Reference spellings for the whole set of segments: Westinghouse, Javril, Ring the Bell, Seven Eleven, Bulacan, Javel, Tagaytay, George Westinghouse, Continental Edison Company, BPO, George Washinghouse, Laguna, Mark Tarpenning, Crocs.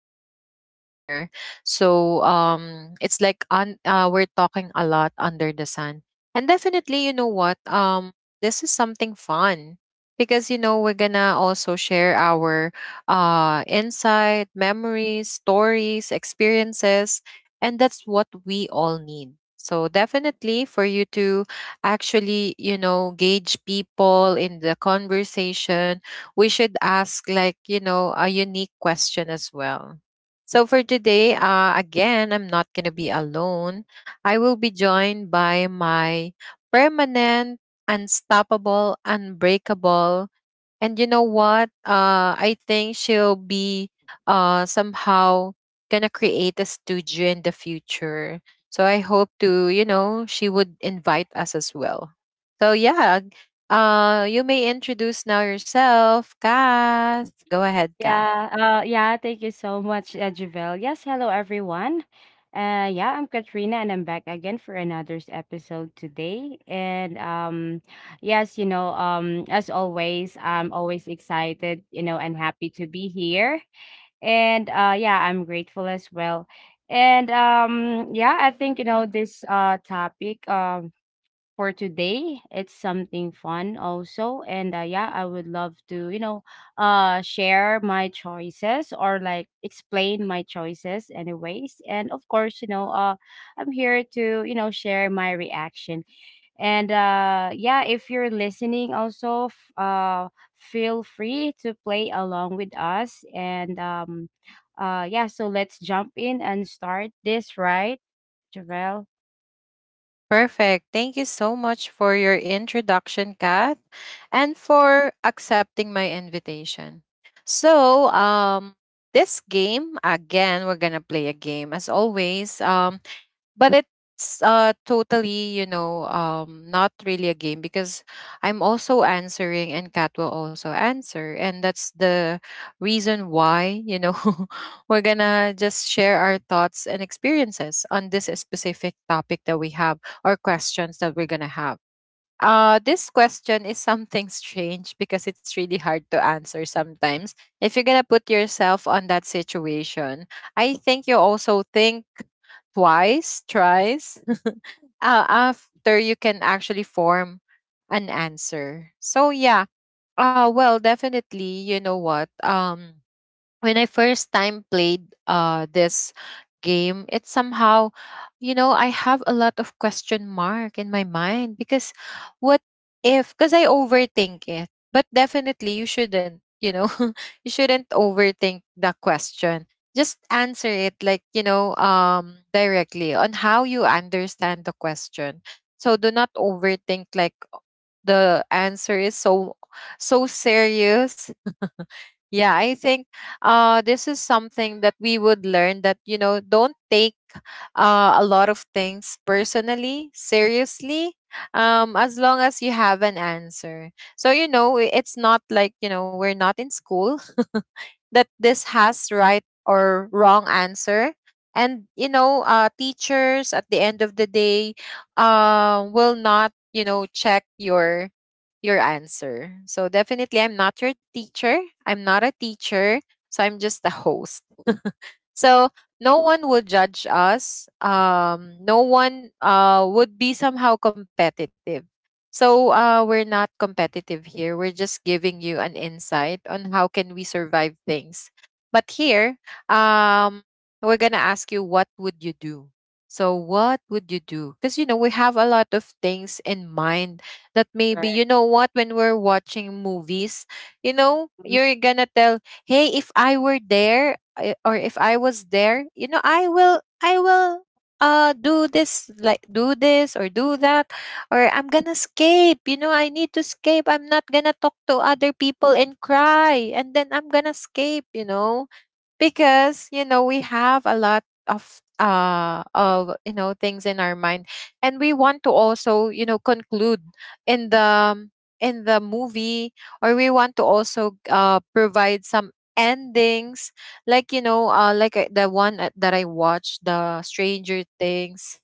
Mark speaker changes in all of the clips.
Speaker 1: talking a lot here. So it's like we're talking a lot under the sun. And definitely, you know what? This is something fun because you know we're gonna also share our insight, memories, stories, experiences, and that's what we all need. So definitely for you to actually, you know, gauge people in the conversation, we should ask, like, you know, a unique question as well. So for today, again, I'm not gonna be alone. I will be joined by my permanent, unstoppable, unbreakable. And you know what? I think she'll be somehow gonna create a studio in the future. So I hope to, you know, she would invite us as well. So yeah, you may introduce now yourself, Kath. Go ahead, Kath.
Speaker 2: Yeah, Thank you so much, Javel. Yes, hello everyone. Yeah, I'm Katrina and I'm back again for another episode today. And yes, you know, As always, I'm always excited, you know, and happy to be here. I'm grateful as well. I think you know this topic for today. It's something fun also. I would love to, you know, share my choices or like explain my choices anyways. And of course, you know, I'm here to, you know, share my reaction. If you're listening also feel free to play along with us so let's jump in and start this, right? Javel.
Speaker 1: Perfect. Thank you so much for your introduction, Kath, and for accepting my invitation. So, this game, again, we're gonna play a game as always. But it's totally, you know, not really a game because I'm also answering and Kat will also answer, and that's the reason why, you know, we're gonna just share our thoughts and experiences on this specific topic that we have or questions that we're gonna have. This question is something strange because it's really hard to answer sometimes. If you're gonna put yourself on that situation, I think you also think twice, thrice. After, you can actually form an answer. So yeah, well, definitely, you know what? When I first time played this game, it somehow, you know, I have a lot of question mark in my mind because what if, because I overthink it. But definitely you shouldn't, you know, you shouldn't overthink the question. Just answer it like, you know, directly on how you understand the question. So do not overthink like the answer is so so serious. Yeah, I think this is something that we would learn, that, you know, don't take a lot of things personally, seriously, as long as you have an answer. So, you know, it's not like, you know, we're not in school. That this has right or wrong answer. And you know, teachers at the end of the day will not, you know, check your answer. So definitely I'm not your teacher. I'm not a teacher. So I'm just a host. So no one would judge us. No one would be somehow competitive. So we're not competitive here. We're just giving you an insight on how can we survive things. But here, um, we're gonna ask you what would you do. So what would you do? Because you know we have a lot of things in mind that maybe, you
Speaker 2: Right.
Speaker 1: know what, when we're watching movies, you know you're gonna tell, hey, if I were there, I, or if I was there, you know, I will do this, like do this or do that, or I'm gonna escape. You know, I need to escape. I'm not gonna talk to other people and cry and then I'm gonna escape, you know, because you know we have a lot of you know things in our mind. And we want to also, you know, conclude in the in the movie, or we want to also provide some endings, like you know like the one that I watched, the Stranger Things,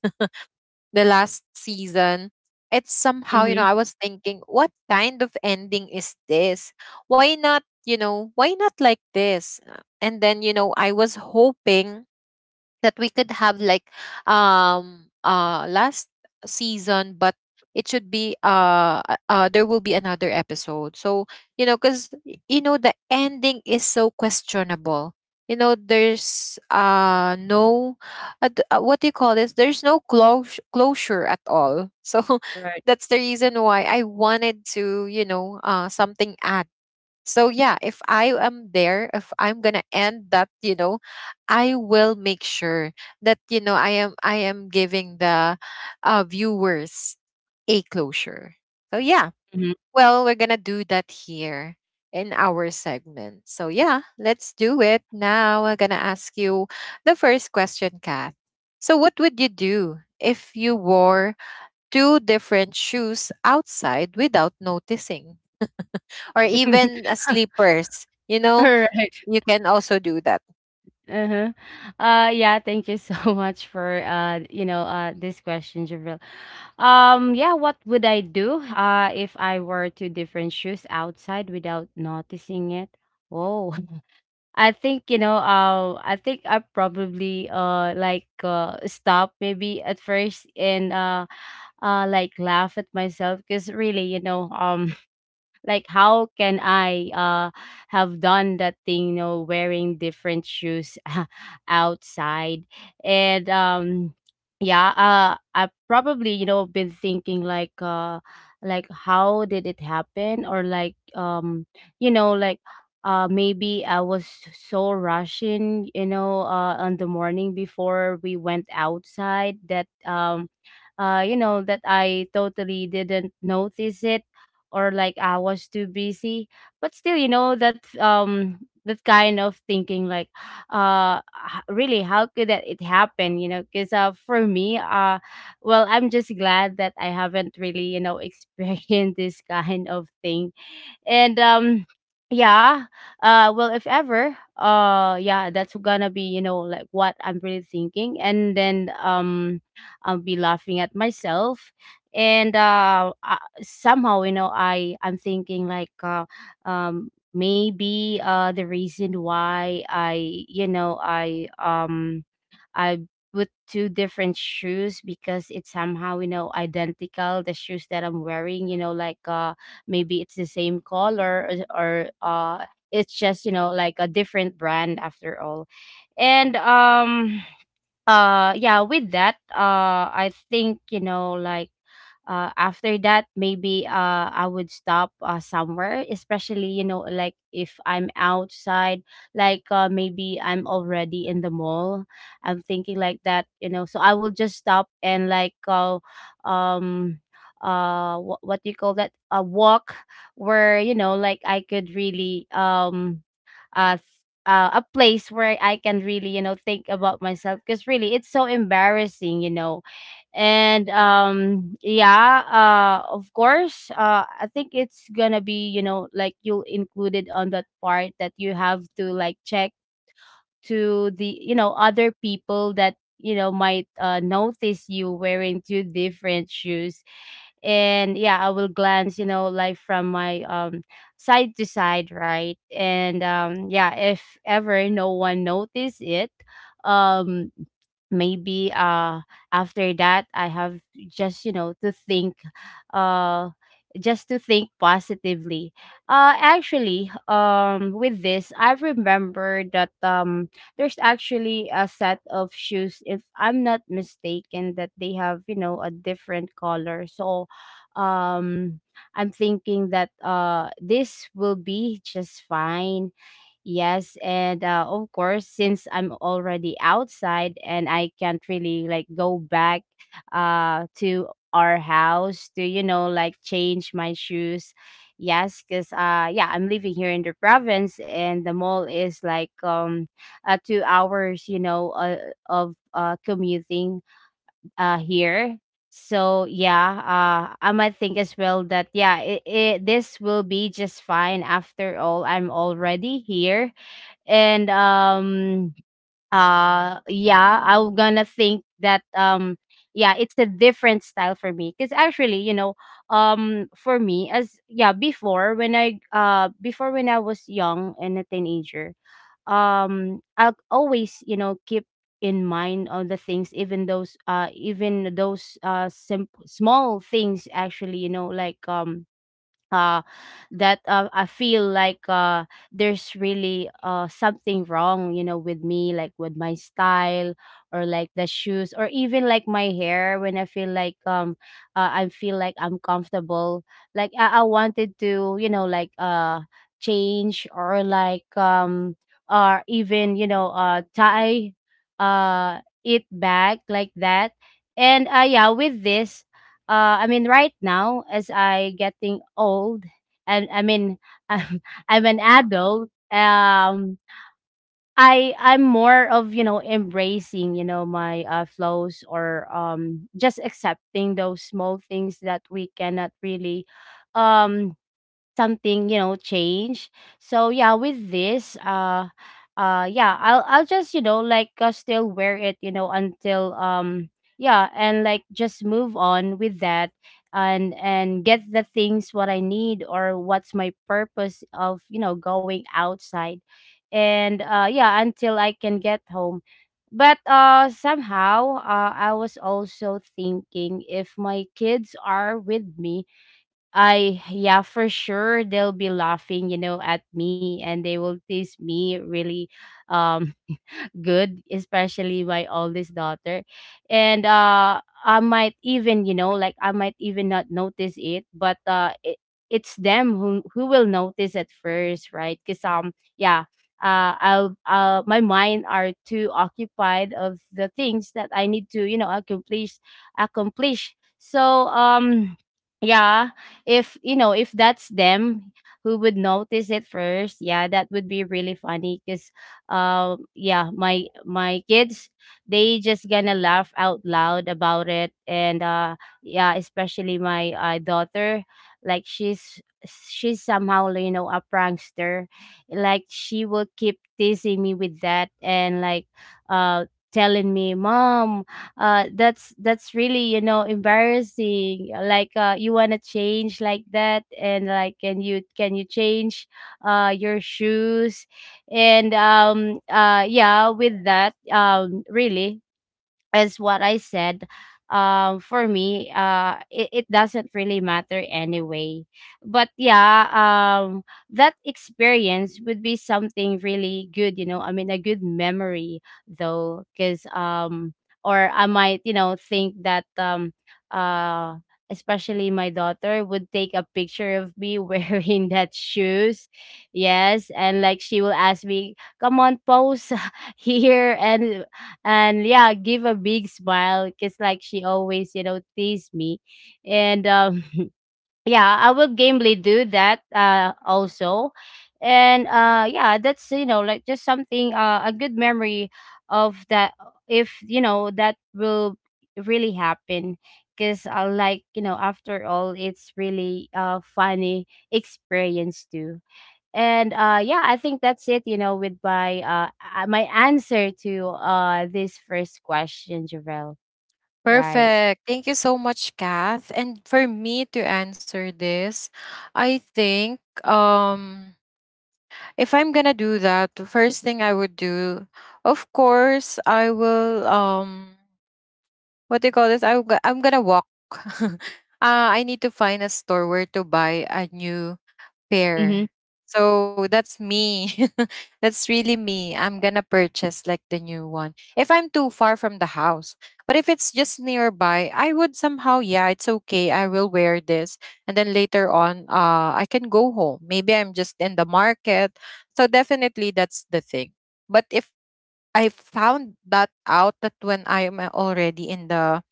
Speaker 1: the last season. It's somehow, you know,
Speaker 2: Mm-hmm.
Speaker 1: I was thinking, what kind of ending is this? Why not, you know, why not like this? And then, you know, I was hoping that we could have like last season, but it should be there will be another episode. So you know, because you know the ending is so questionable. You know, there's no what do you call this, there's no close closure at all. So
Speaker 2: Right.
Speaker 1: that's the reason why I wanted to, you know, something add. So yeah, if I am there, if I'm gonna end that, you know, I will make sure that, you know, I am giving the viewers a closure. So yeah, well, we're gonna do that here in our segment. So yeah, let's do it now. I'm gonna ask you the first question, Kath. So what would you do if you wore two different shoes outside without noticing, or even sleepers? You know,
Speaker 2: Alright.
Speaker 1: you can also do that.
Speaker 2: Uh-huh. Yeah, Thank you so much for this question, Javril. Yeah, what would I do if I were to different shoes outside without noticing it? Oh, I think you know, I think I probably stop maybe at first and like laugh at myself because really, you know, like how can I have done that thing, you know, wearing different shoes outside. And yeah I probably, you know, been thinking like, like how did it happen, or like, you know like maybe I was so rushing, you know, on the morning before we went outside, that you know, that I totally didn't notice it, or like I was too busy. But still, you know, that kind of thinking like, really how could that it happen, you know? Because for me, well, I'm just glad that I haven't really, you know, experienced this kind of thing. And yeah Well, if ever, yeah, that's gonna be, you know, like what I'm really thinking. And then I'll be laughing at myself. And I somehow, you know, I'm thinking like, maybe the reason why I you know I put two different shoes, because it's somehow, you know, identical, the shoes that I'm wearing, you know, like, maybe it's the same color, or it's just, you know, like a different brand after all. And Yeah, with that, I think, you know, like, after that, maybe, I would stop somewhere, especially, you know, like if I'm outside, like, maybe I'm already in the mall, I'm thinking like that, you know. So I will just stop and like, um what do you call that, a walk where, you know, like I could really, uh, th- a place where I can really, you know, think about myself, because really it's so embarrassing, you know. And yeah Of course, I think it's gonna be, you know, like you'll include it on that part that you have to like check to the, you know, other people that, you know, might notice you wearing two different shoes. And yeah, I will glance, you know, like from my, side to side, right? and Yeah, if ever no one notice it, um maybe after that I have just, you know, to think, uh just to think positively. Actually, with this I remember that, there's actually a set of shoes, if I'm not mistaken, that they have, you know, a different color. So um I'm thinking that this will be just fine. Yes, and of course, since I'm already outside and I can't really like go back to our house to, you know, like change my shoes. Yes, cuz yeah, I'm living here in the province, and the mall is like two hours, you know, of commuting here. So yeah, I might think as well that yeah, this will be just fine after all. I'm already here. And yeah I'm gonna think that, yeah, it's a different style for me, because actually, you know, for me, as yeah before when I before when I was young and a teenager, I'll always, you know, keep in mind all the things, even those even those small things, actually, you know, like, uh that, I feel like, there's really something wrong, you know, with me, like with my style, or like the shoes, or even like my hair, when I feel like, I feel like I'm comfortable. Like I wanted to, you know, like, change, or like, or even, you know, tie it back like that. With this, I mean, right now, as I getting old, and I mean i'm, I'm an adult. I'm more of, you know, embracing, you know, my, flows, or just accepting those small things that we cannot really, um something, you know, change. So yeah with this uh uh yeah, I'll just, you know, like, still wear it, you know, until, yeah, and like just move on with that, and get the things what I need, or what's my purpose of, you know, going outside. And Yeah, until I can get home. But uh somehow uh, I was also thinking, if my kids are with me, I yeah, for sure they'll be laughing, you know, at me, and they will tease me really, um good, especially my oldest daughter. And I might even, you know, like, I might even not notice it, but, it's them who will notice at first, right? Because yeah, my mind are too occupied of the things that I need to, you know, accomplish, accomplish. So, yeah, if you know, if that's them who would notice it first, yeah, that would be really funny. Because yeah, my kids, they just gonna laugh out loud about it. And yeah, especially my, daughter, like she's somehow, you know, a prankster, like she will keep teasing me with that. And like uh telling me, mom, that's really, you know, embarrassing, like, you want to change like that, and like, can you change your shoes? And Yeah, with that, really, as what I said, for me, it doesn't really matter anyway. But yeah, that experience would be something really good, you know. I mean, a good memory though, because, or I might, you know, think that, uh, especially my daughter would take a picture of me wearing that shoes, yes, and like she will ask me, "Come on, pose." here. And and yeah, give a big smile, because like she always, you know, tease me. And yeah, I will gamely do that also. And yeah, that's, you know, like just something, a good memory of that, if you know that will really happen. Because, like, you know, after all, it's really a funny experience too. And yeah, I think that's it, you know, with my, my answer to this first question, Javel. Right.
Speaker 1: Perfect. Thank you so much, Kath. And for me to answer this, I think if I'm gonna do that, the first thing I would do, of course, I will what do you call this? I will, I'm gonna walk. uh, I need to find a store where to buy a new.
Speaker 2: Mm-hmm.
Speaker 1: Fair. So that's me. That's really me. I'm gonna purchase like the new one if I'm too far from the house. But if it's just nearby, I would somehow, yeah, it's okay, I will wear this. And then later on, I can go home. Maybe I'm just in the market. So definitely that's the thing. But if I found that out, that when I am already in the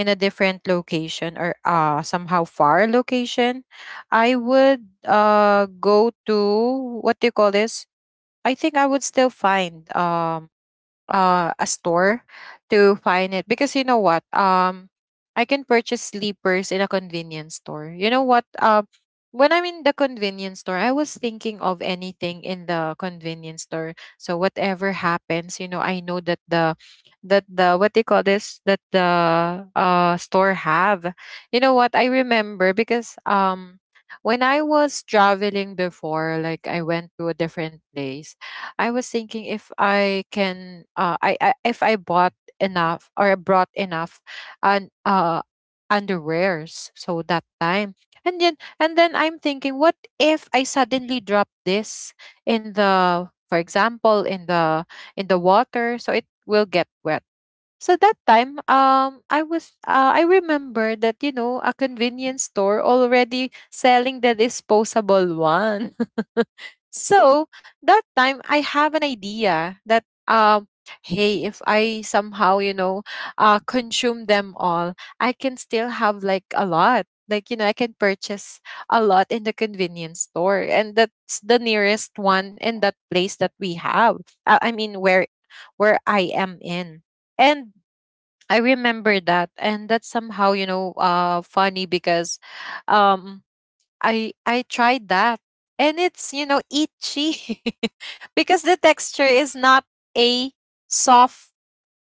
Speaker 1: in a different location, or somehow far location, I would go to what do you call this? I think I would still find a store, to find it, because you know what, I can purchase sleepers in a convenience store. You know what, when I'm in the convenience store, I was thinking of anything in the convenience store. So whatever happens, you know, I know that the what do you call this, that the store have. You know what I remember, because when I was traveling before, like I went to a different place, I was thinking if I can I, if I bought enough or brought enough and underwears so that time. And then and then I'm thinking, what if I suddenly drop this in the, for example, in the water, so it will get wet? So that time, I was, I remember that, you know, a convenience store already selling the disposable one. So that time, I have an idea that, hey, if I somehow, you know, consume them all, I can still have like a lot. Like you know, I can purchase a lot in the convenience store, and that's the nearest one in that place that we have. I mean, where I am in. And I remember that, and that's somehow, you know, funny because, um, I tried that, and it's, you know, itchy. Because the texture is not a soft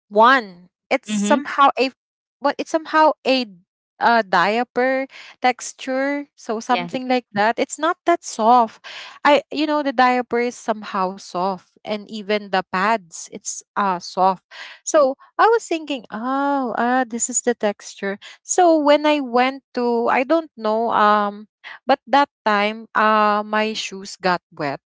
Speaker 1: one, it's
Speaker 2: Mm-hmm.
Speaker 1: somehow a what, it's somehow a diaper texture, so
Speaker 2: Yes.
Speaker 1: something like that, it's not that soft. I, you know, the diaper is somehow soft, and even the pads it's soft. So I was thinking, oh, this is the texture. So when I went to, I don't know, but that time my shoes got wet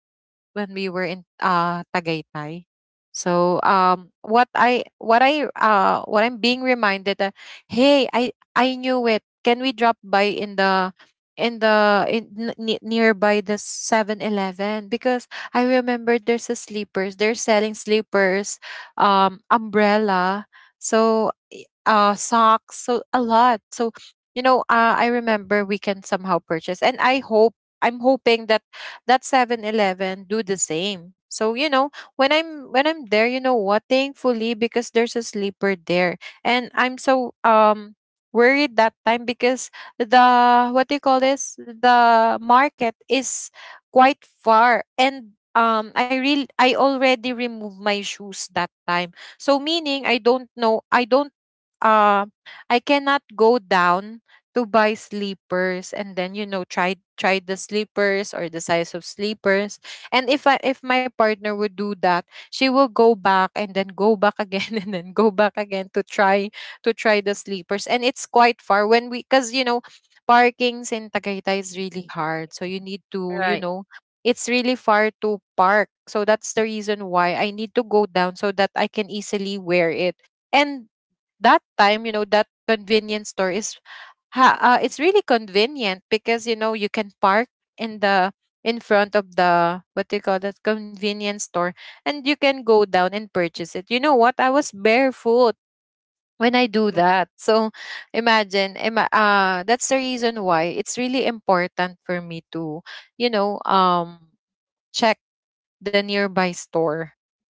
Speaker 1: when we were in Tagaytay. So um, what I what I what I'm being reminded that, hey, I knew it. Can we drop by in the nearby the 7-Eleven? Because I remember there's a sleepers, they're selling sleepers, umbrella, so socks, so a lot. So you know, I remember we can somehow purchase, and I hope, I'm hoping that that 7-Eleven do the same. So, you know, when I'm there, you know what, thankfully, because there's a sleeper there. And I'm so worried that time because the what do you call this, the market is quite far, and um, I already removed my shoes that time. So meaning I don't know, I don't uh I cannot go down to buy sleepers and then, you know, try the sleepers or the size of sleepers. And if I, if my partner would do that, she will go back and then go back again and then go back again to try the sleepers. And it's quite far when we, cuz you know, parkings in Tagaytay is really hard, so you need to, you
Speaker 2: Right.
Speaker 1: know, it's really far to park. So that's the reason why I need to go down so that I can easily wear it. And that time, you know, that convenience store is it's really convenient because, you know, you can park in the in front of the, what do you call that, convenience store, and you can go down and purchase it. You know what, I was barefoot when I do that. So imagine, that's the reason why it's really important for me to, you know, check the nearby store,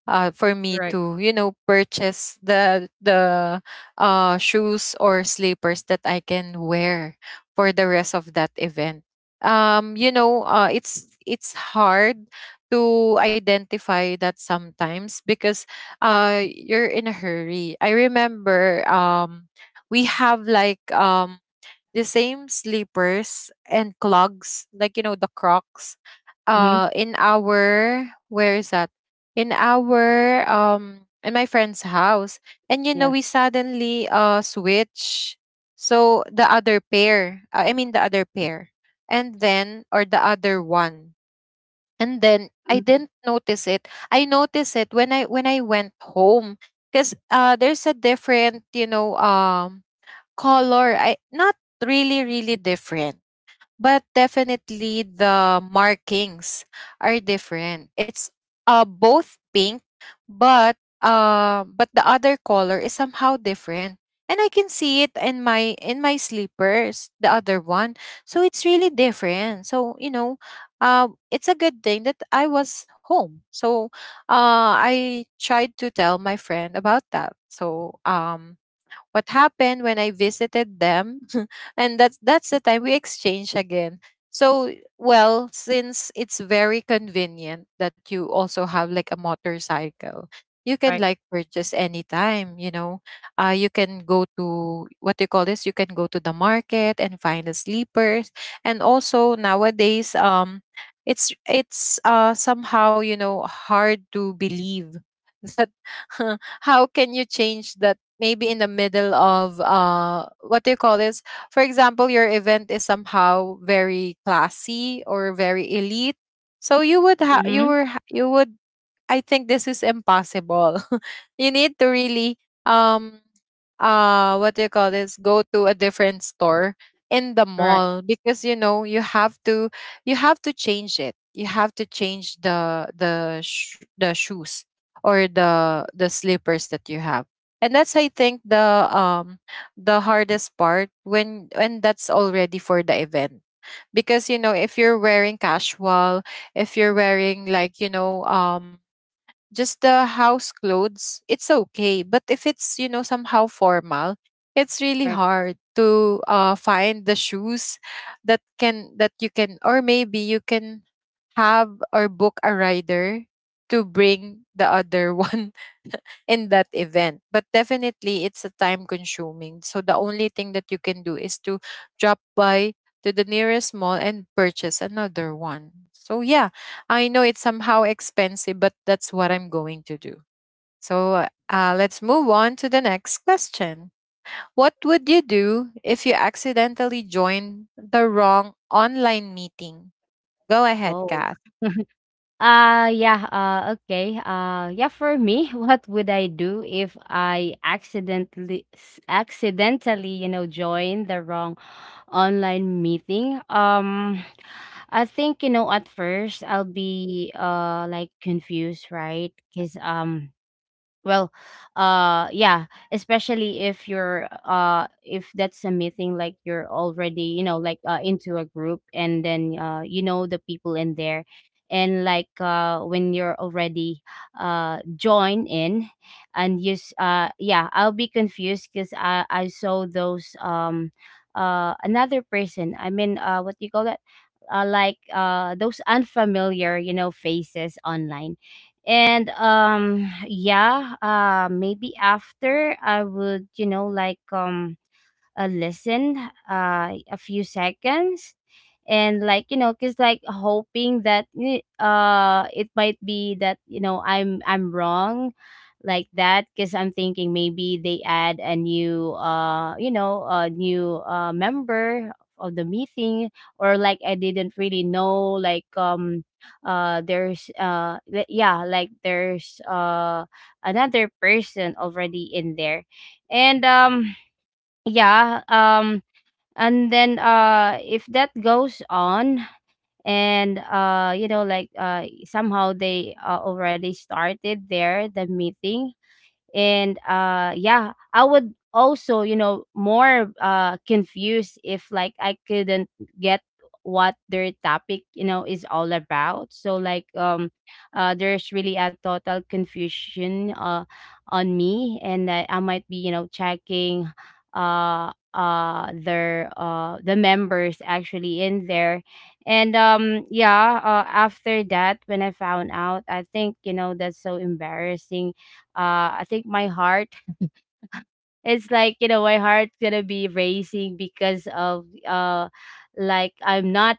Speaker 1: for me
Speaker 2: Right.
Speaker 1: to, you know, purchase the shoes or slippers that I can wear for the rest of that event. You know, it's hard to identify that sometimes because you're in a hurry. I remember, we have like, the same slippers and clogs, like, you know, the Crocs.
Speaker 2: Mm-hmm.
Speaker 1: In our, where is that? In our, in my friend's house, and you know
Speaker 2: Yeah.
Speaker 1: we suddenly switch. So the other pair, I mean the other pair, and then, or the other one, and then I
Speaker 2: Mhm.
Speaker 1: didn't notice it. I noticed it when I went home because, uh, there's a different, you know, um, color. I, not really really different, but definitely the markings are different. It's, uh, both pink, but, uh, but the other color is somehow different, and I can see it in my sleepers, the other one. So it's really different. So, you know, it's a good thing that I was home. So, I tried to tell my friend about that. So, um, what happened when I visited them? And that's the time we exchange again. So, well, since it's very convenient that you also have like a motorcycle, you can
Speaker 2: Right.
Speaker 1: like purchase anytime, you know. You can go to, what do you call this, you can go to the market and find the sleepers. And also nowadays, it's, uh, somehow, you know, hard to believe that how can you change that maybe in the middle of, uh, what do you call this, for example, your event is somehow very classy or very elite, so you would have,
Speaker 2: Mm-hmm.
Speaker 1: you would, I think this is impossible. You need to really, um what do you call this, go to a different store in the
Speaker 2: Right.
Speaker 1: mall because, you know, you have to, you have to change it, you have to change the shoes or the slippers that you have. And that's, I think, the, um, the hardest part when that's already for the event. Because, you know, if you're wearing casual, if you're wearing like, you know, um, just the house clothes, it's okay. But if it's, you know, somehow formal, it's really
Speaker 2: Right.
Speaker 1: hard to, find the shoes that can, that you can, or maybe you can have or book a rider to bring the other one in that event. But definitely it's a time consuming. So the only thing that you can do is to drop by to the nearest mall and purchase another one. So yeah, I know it's somehow expensive, but that's what I'm going to do. So, let's move on to the next question. What would you do if you accidentally join the wrong online meeting? Go ahead,
Speaker 2: Oh.
Speaker 1: Kath.
Speaker 2: Yeah, okay. Yeah, for me, what would I do if I accidentally accidentally, you know, join the wrong online meeting? I think, you know, at first I'll be like confused, right? Cuz well, yeah, especially if you're if that's a meeting like you're already, you know, like into a group, and then you know the people in there. And when you're already joined in, and yeah, I'll be confused, cuz I saw those, another person. I mean, what do you call that? Like those unfamiliar, you know, faces online. And maybe after I would, you know, like listen a few seconds. And, like, you know, because, like, hoping that it might be that, you know, I'm wrong, like that, because I'm thinking maybe they add a new you know, a new member of the meeting. Or like I didn't really know, like there's yeah, like there's another person already in there. And yeah um and then if that goes on, and you know, like somehow they already started there the meeting. And yeah, I would also, you know, more confused if like I couldn't get what their topic, you know, is all about. So, like, there's really a total confusion on me, and I might be, you know, checking their the members actually in there. And yeah, after that, when I found out, I think, you know, that's so embarrassing. I think my heart, it's like, you know, my heart gonna be racing because of like I'm not,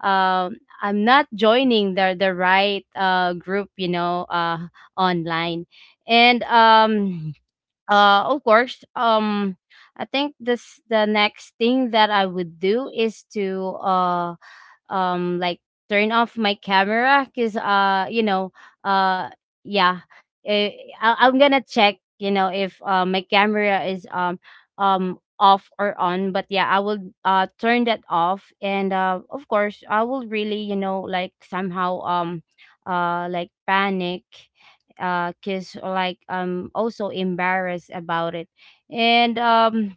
Speaker 2: I'm not joining the right group, you know, online. And of course, I think this the next thing that I would do is to like turn off my camera because, you know, uh yeah eh, I'm gonna check, you know, if my camera is off or on, but yeah, I will turn that off. And, of course, I will really, you know, like, somehow like panic, cause like I'm also embarrassed about it. And um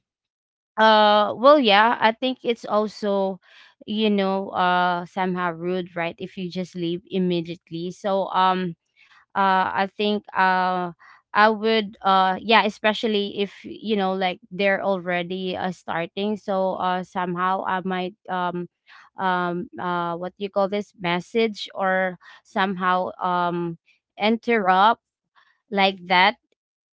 Speaker 2: uh, well, yeah, I think it's also, you know, somehow rude, right? If you just leave immediately. So, I think, I would, yeah, especially if, you know, like they're already starting. So, somehow I might, what do you call this, message or somehow, interrupt, like that.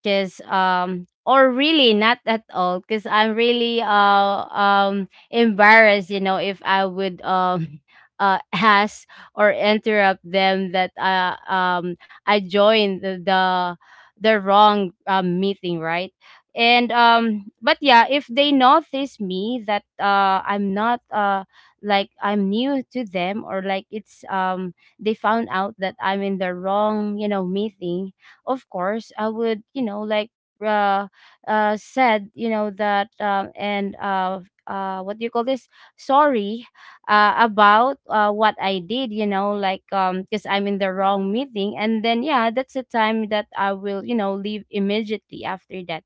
Speaker 2: Cause or really not at all, because I'm really embarrassed, you know, if I would ask or interrupt them that I joined the wrong meeting, right? And but yeah, if they notice me that I'm not like I'm new to them, or like it's they found out that I'm in the wrong, you know, meeting, of course I would, you know, like uh, said, you know, that and what do you call this, sorry, about what I did, you know, like because I'm in the wrong meeting. And then yeah, that's the time that I will, you know, leave immediately after that.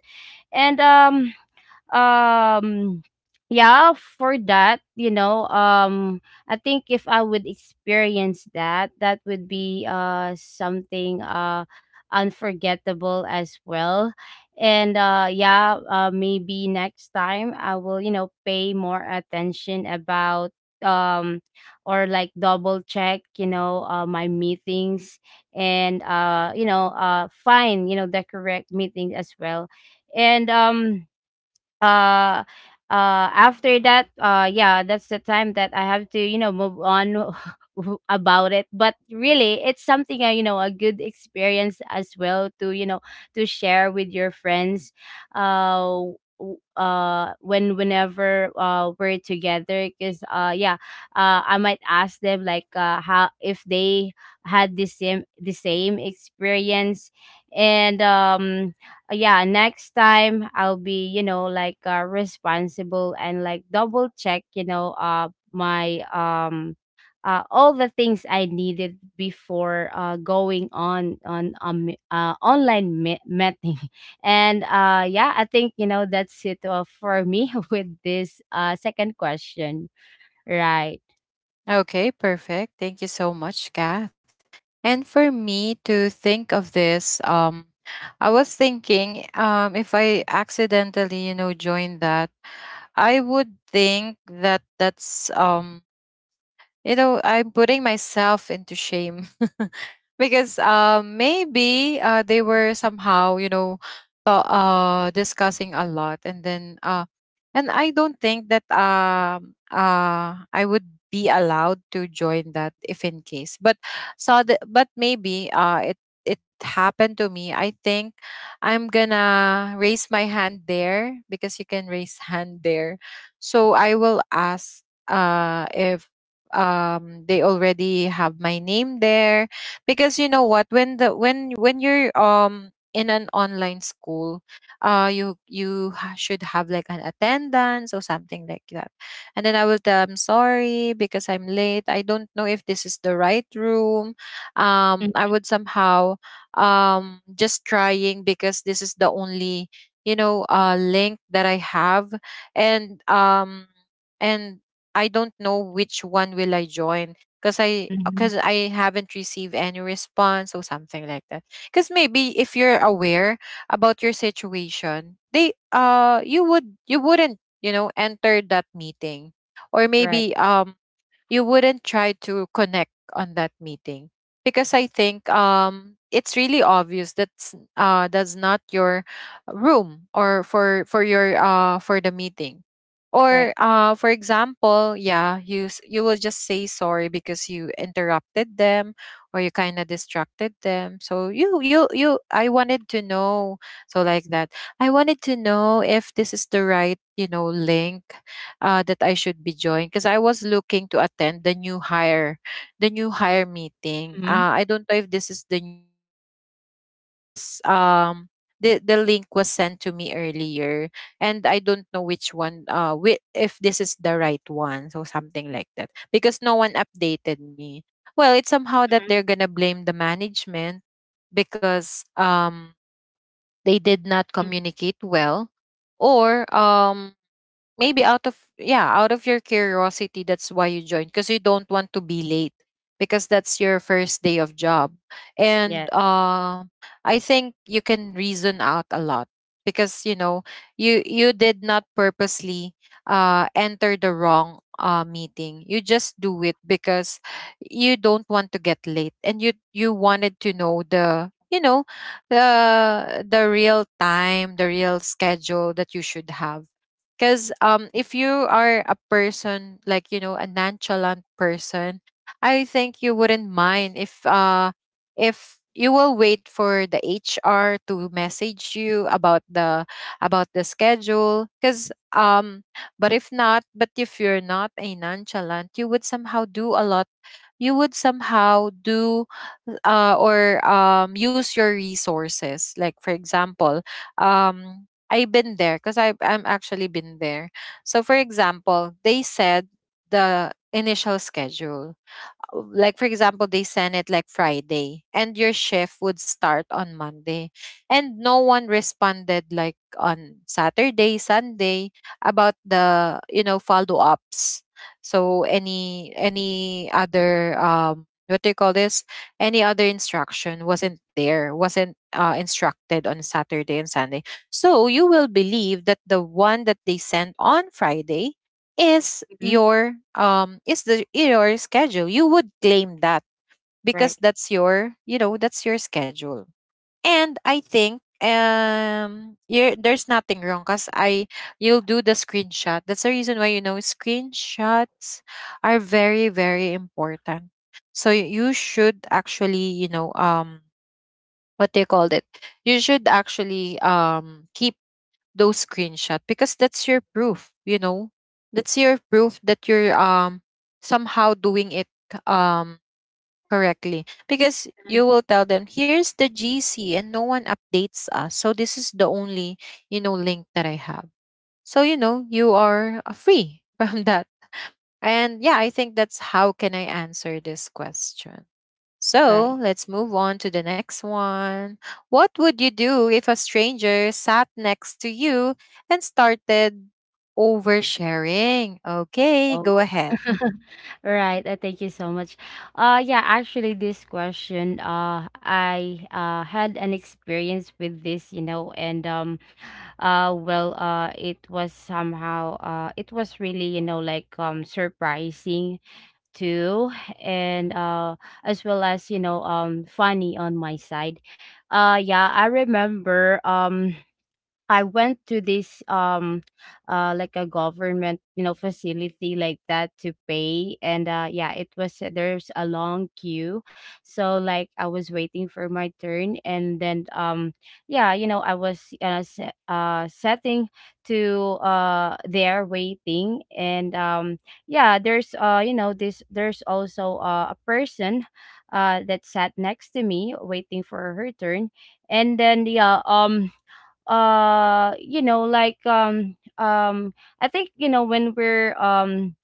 Speaker 2: And um yeah, for that, you know, I think if I would experience that, that would be something unforgettable as well. And yeah, maybe next time I will, you know, pay more attention about, um or like double check, you know, my meetings. And you know, find, you know, the correct meeting as well. And uh after that, yeah, that's the time that I have to, you know, move on about it. But really, it's something you know, a good experience as well, to, you know, to share with your friends uh when, whenever we're together, because yeah, I might ask them, like, how, if they had the same experience. And yeah, next time I'll be, you know, like, responsible, and like double check, you know, my all the things I needed before going on online meeting and yeah, I think, you know, that's it for me with this second question, right.
Speaker 1: Okay, perfect. Thank you so much, Kath. And for me to think of this, I was thinking, if I accidentally, you know, join that, I would think that that's, you know, I'm putting myself into shame. Because, maybe, they were somehow, you know, discussing a lot, and then, and I don't think that I would be allowed to join that if in case. But so the, but maybe, it it happened to me, I think I'm gonna raise my hand there because you can raise hand there. So I will ask, uh, if, um, they already have my name there. Because you know what, when the when you're, um, in an online school, uh, should have like an attendance or something like that. And then I will tell, I'm sorry because I'm late, I don't know if this is the right room. Um, I would somehow, um, just trying because this is the only, you know, uh, link that I have. And um, and I don't know which one will I join, because I,
Speaker 2: Mhm.
Speaker 1: because I haven't received any response or something like that. Because maybe if you're aware about your situation, they, uh, you would, you wouldn't, you know, enter that meeting, or
Speaker 2: Right.
Speaker 1: maybe, um, you wouldn't try to connect on that meeting, because I think, it's really obvious that's, that's not your room or for your, for the meeting.
Speaker 2: Right.
Speaker 1: Or, for example, yeah, you, you will just say sorry because you interrupted them or you kind of distracted them. So you I wanted to know, so like that. I wanted to know if this is the right, you know, link, that I should be joined, because I was looking to attend the new hire meeting.
Speaker 2: Hmm.
Speaker 1: I don't know if this is the new hire meeting, but I was, um, the link was sent to me earlier, and I don't know which one, uh, if this is the right one, so something like that, because no one updated me. Well, it's somehow that they're gonna blame the management because, um, they did not communicate well, or, um, maybe out of, yeah, out of your curiosity that's why you joined, because you don't want to be late, because that's your first day of job.
Speaker 2: Yeah.
Speaker 1: And, I think you can reason out a lot because, you know, you did not purposely, enter the wrong, meeting. You just do it because you don't want to get late, and you wanted to know the, you know, the real time, the real schedule that you should have. Because, if you are a person, like, you know, a nonchalant person, I think you wouldn't mind if, uh, if you will wait for the HR to message you about the, about the schedule. Because, but if not, but if you're not a nonchalant, you would somehow do a lot. You would somehow do, or, use your resources. Like, for example, um, I've been there, because I, I'm actually been there. So for example, they said the initial schedule, like for example, they send it like Friday and your shift would start on Monday, and no one responded like on Saturday, Sunday about the, you know, follow-ups. So any other, um, what do you call this, any other instruction wasn't there, wasn't, instructed on Saturday and Sunday. So you will believe that the one that they sent on Friday is
Speaker 2: Hmm.
Speaker 1: your, um, is the your schedule, you would claim that,
Speaker 2: Right.
Speaker 1: because that's your, you know, that's your schedule. And I think, um, you, there's nothing wrong, because I, you'll do the screenshot. That's the reason why, you know, screenshots are very very important. So, you should actually, you know, um, what they called it, you should actually, um, keep those screenshot, because that's your proof, you know, that's your proof that you're, um, somehow doing it, um, correctly, because you will tell them, here's the gc and no one updates us, so this is the only, you know, link that I have. So, you know, you are, free from that. And yeah, I think that's how can I answer this question.
Speaker 2: Right.
Speaker 1: So let's move on to the next one. What would you do if a stranger sat next to you and started oversharing? Okay,
Speaker 2: Oh.
Speaker 1: go ahead.
Speaker 2: Right, thank you so much. Yeah, actually this question I had an experience with this, you know, and well it was somehow it was really, you know, like surprising too, and as well as, you know, funny on my side. Yeah, I remember I went to this like a government, you know, facility, like that, to pay. And yeah, it was there's a long queue, so like I was waiting for my turn. And then yeah, you know, I was setting to there waiting. And yeah, there's you know, this there's also a person that sat next to me waiting for her turn. And then yeah, you know, like I think, you know, when we're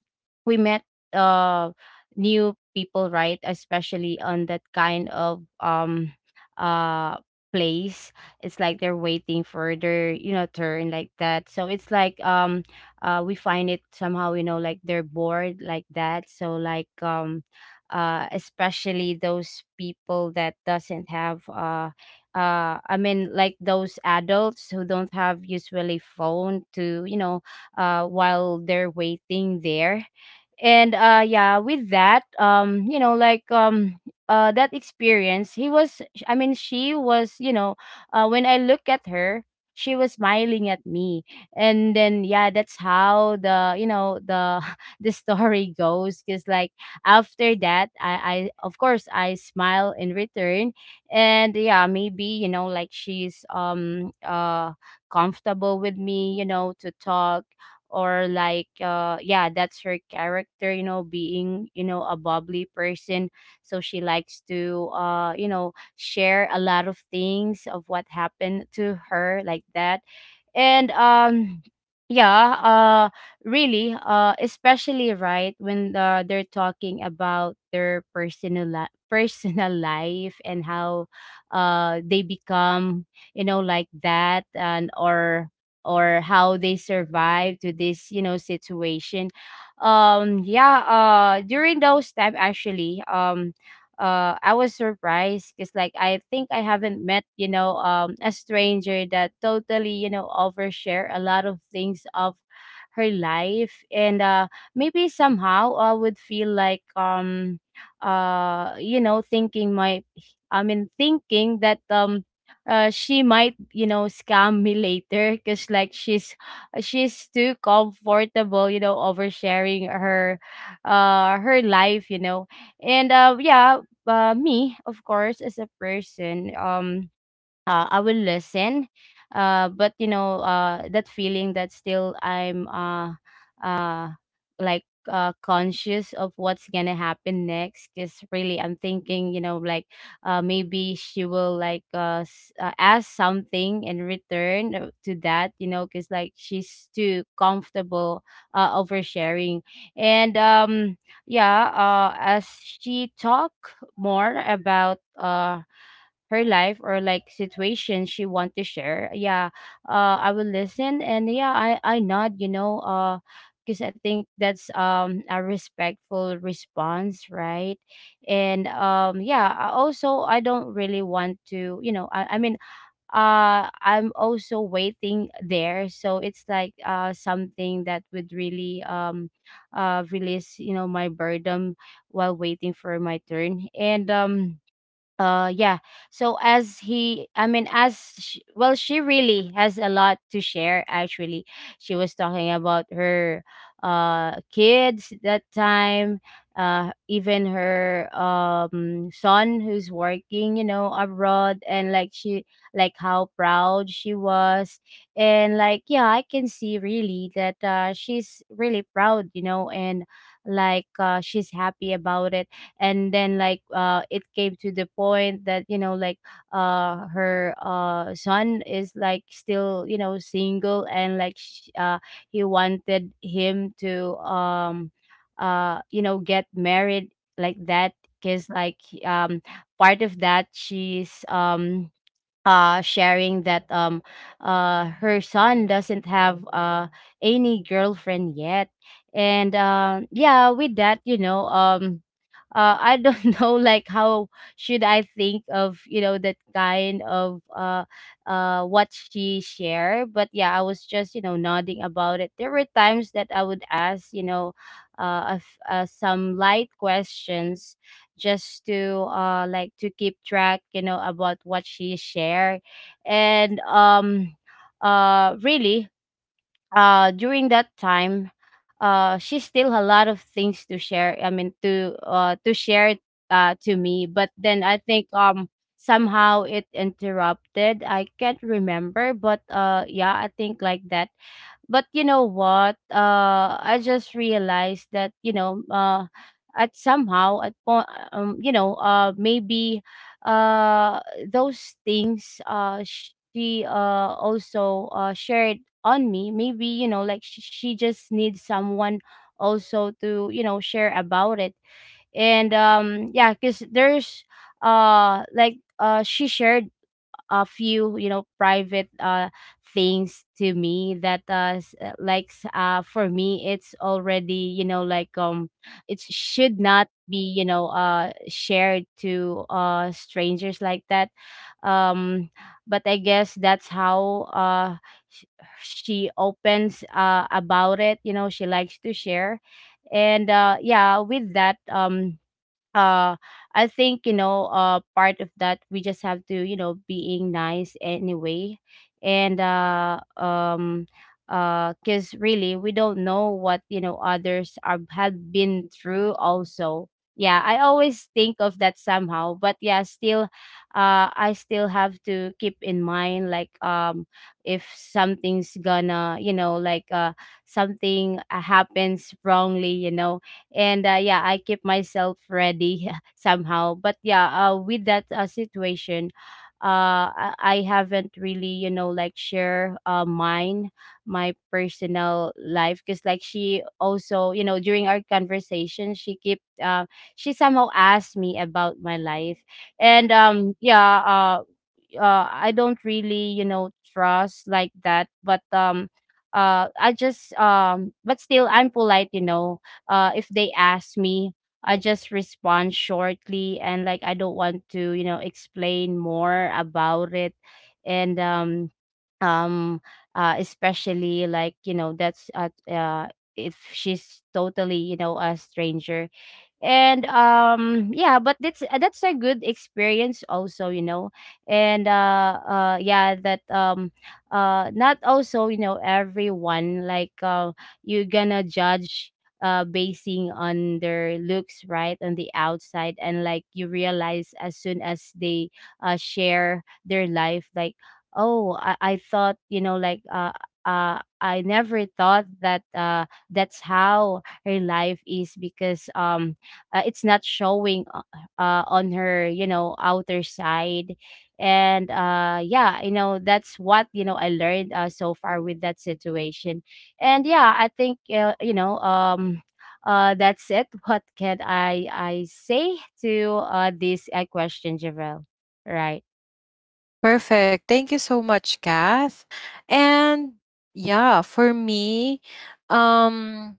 Speaker 2: we met uh new people, right, especially on that kind of uh place. It's like they're waiting for their, you know, turn, like that. So it's like we find it somehow, you know, like they're bored, like that. So like especially those people that doesn't have I mean, like those adults who don't have usually phone to, you know, while they're waiting there. And yeah, with that, you know, like that experience, he was I mean she was, you know, when I look at her, she was smiling at me. And then yeah, that's how, the you know, the the story goes, because like after that, I of course I smile in return. And yeah, maybe, you know, like she's comfortable with me, you know, to talk. Or like yeah, that's her character, you know, being, you know, a bubbly person. So she likes to, you know, share a lot of things of what happened to her, like that. And yeah uh really, especially right when they're talking about their personal life, and how they become, you know, like that, and or how they survive to this, you know, situation. Yeah during those time, actually, I was surprised, because like I think I haven't met, you know, a stranger that totally, you know, overshare a lot of things of her life. And maybe somehow I would feel like, you know, thinking my I mean thinking that, she might, you know, scam me later because like she's too comfortable, you know, oversharing her, her life, you know. And yeah, me, of course, as a person, I will listen. But you know, that feeling that still I'm uh, like, conscious of what's gonna happen next. Cause really, I'm thinking, you know, like, maybe she will like ask something in return to that, you know, cause like she's too comfortable oversharing. And yeah, as she talk more about her life or like situation she want to share, yeah, I will listen. And yeah, I nod, you know, because I think that's a respectful response, right. And yeah, I also, I don't really want to, you know, I mean, I'm also waiting there, so it's like something that would really release, you know, my burden, while waiting for my turn. And yeah, so as he I mean as sh well, she really has a lot to share actually. She was talking about her kids that time, even her son who's working, you know, abroad. And like she, like how proud she was, and like yeah, I can see really that she's really proud, you know, and like she's happy about it. And then like it came to the point that, you know, like her son is like still, you know, single, and like he wanted him to you know, get married, like that. Because like part of that, she's sharing that, her son doesn't have any girlfriend yet. And yeah, with that, you know, I don't know like how should I think of, you know, that kind of what she shared. But yeah, I was just, you know, nodding about it. There were times that I would ask some light questions just to like to keep track, about what she shared. And really during that time, she still had a lot of things to share. I mean to share to me, but then I think, somehow it interrupted. I can't remember, but yeah, I think like that. But you know what, I just realized that, at somehow at you know, maybe uh those things she also shared on me. Maybe, you know, like she just needs someone also to, you know, share about it. And yeah, because there's she shared a few, you know, private things to me that like for me it's already, you know, like, it should not be, you know, shared to strangers like that. um but I guess that's how sh- she opens about it, you know, she likes to share. And yeah, with that, uh I think, you know, part of that, we just have to, you know, being nice anyway. And because really we don't know what, you know, others are have been through also. Yeah, I always think of that somehow. But yeah, still I still have to keep in mind like, if something's gonna, you know, like something happens wrongly, you know. And yeah, I keep myself ready somehow. But yeah, with that situation, I i haven't really, you know, like share mine, my personal life, because like she also, you know, during our conversation she keep she somehow asked me about my life. And I don't really, you know, trust like that. But I just but still I'm polite, you know. If they ask me, I just respond shortly and like I don't want to, you know, explain more about it. And um Especially like, you know, that's at if she's totally, you know, a stranger. And yeah, but that's a good experience also, you know. And uh uh yeah that um uh not also, you know, everyone like you're gonna judge basing on their looks, right, on the outside. And like you realize as soon as they share their life, like, I thought, you know, like I never thought that that's how her life is. Because it's not showing on her, you know, outer side. And yeah, you know, that's what, you know, I learned so far with that situation. And yeah, I think, that's it. What can I say to this question, Javel? Right.
Speaker 1: Perfect. Thank you so much, Kath. And yeah, for me, um,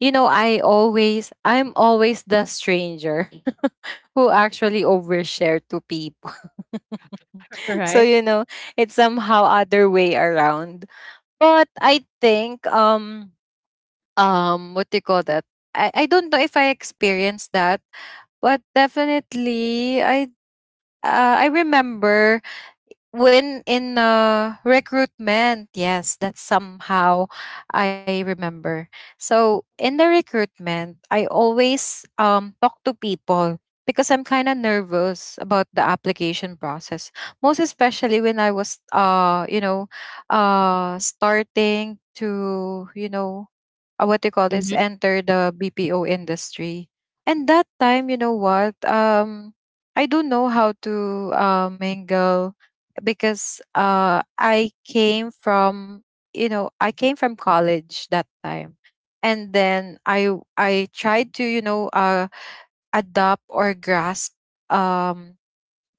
Speaker 1: you know, I'm always the stranger who actually overshare to people. So
Speaker 2: Right.
Speaker 1: you know, it's somehow other way around. But I think, um, um, what do you call that? I don't know if I experienced that, but definitely I, I remember, when in, recruitment, yes, that's somehow I remember. So in the recruitment, I always, um, talk to people because I'm kind of nervous about the application process. Most especially when I was, uh, you know, uh, starting to, you know, what they call this,
Speaker 2: Mm-hmm.
Speaker 1: enter the BPO industry. And that time, you know what? I don't know how to, mingle, because, I came from, you know, I came from college that time, and then I tried to, you know, adopt or grasp, um,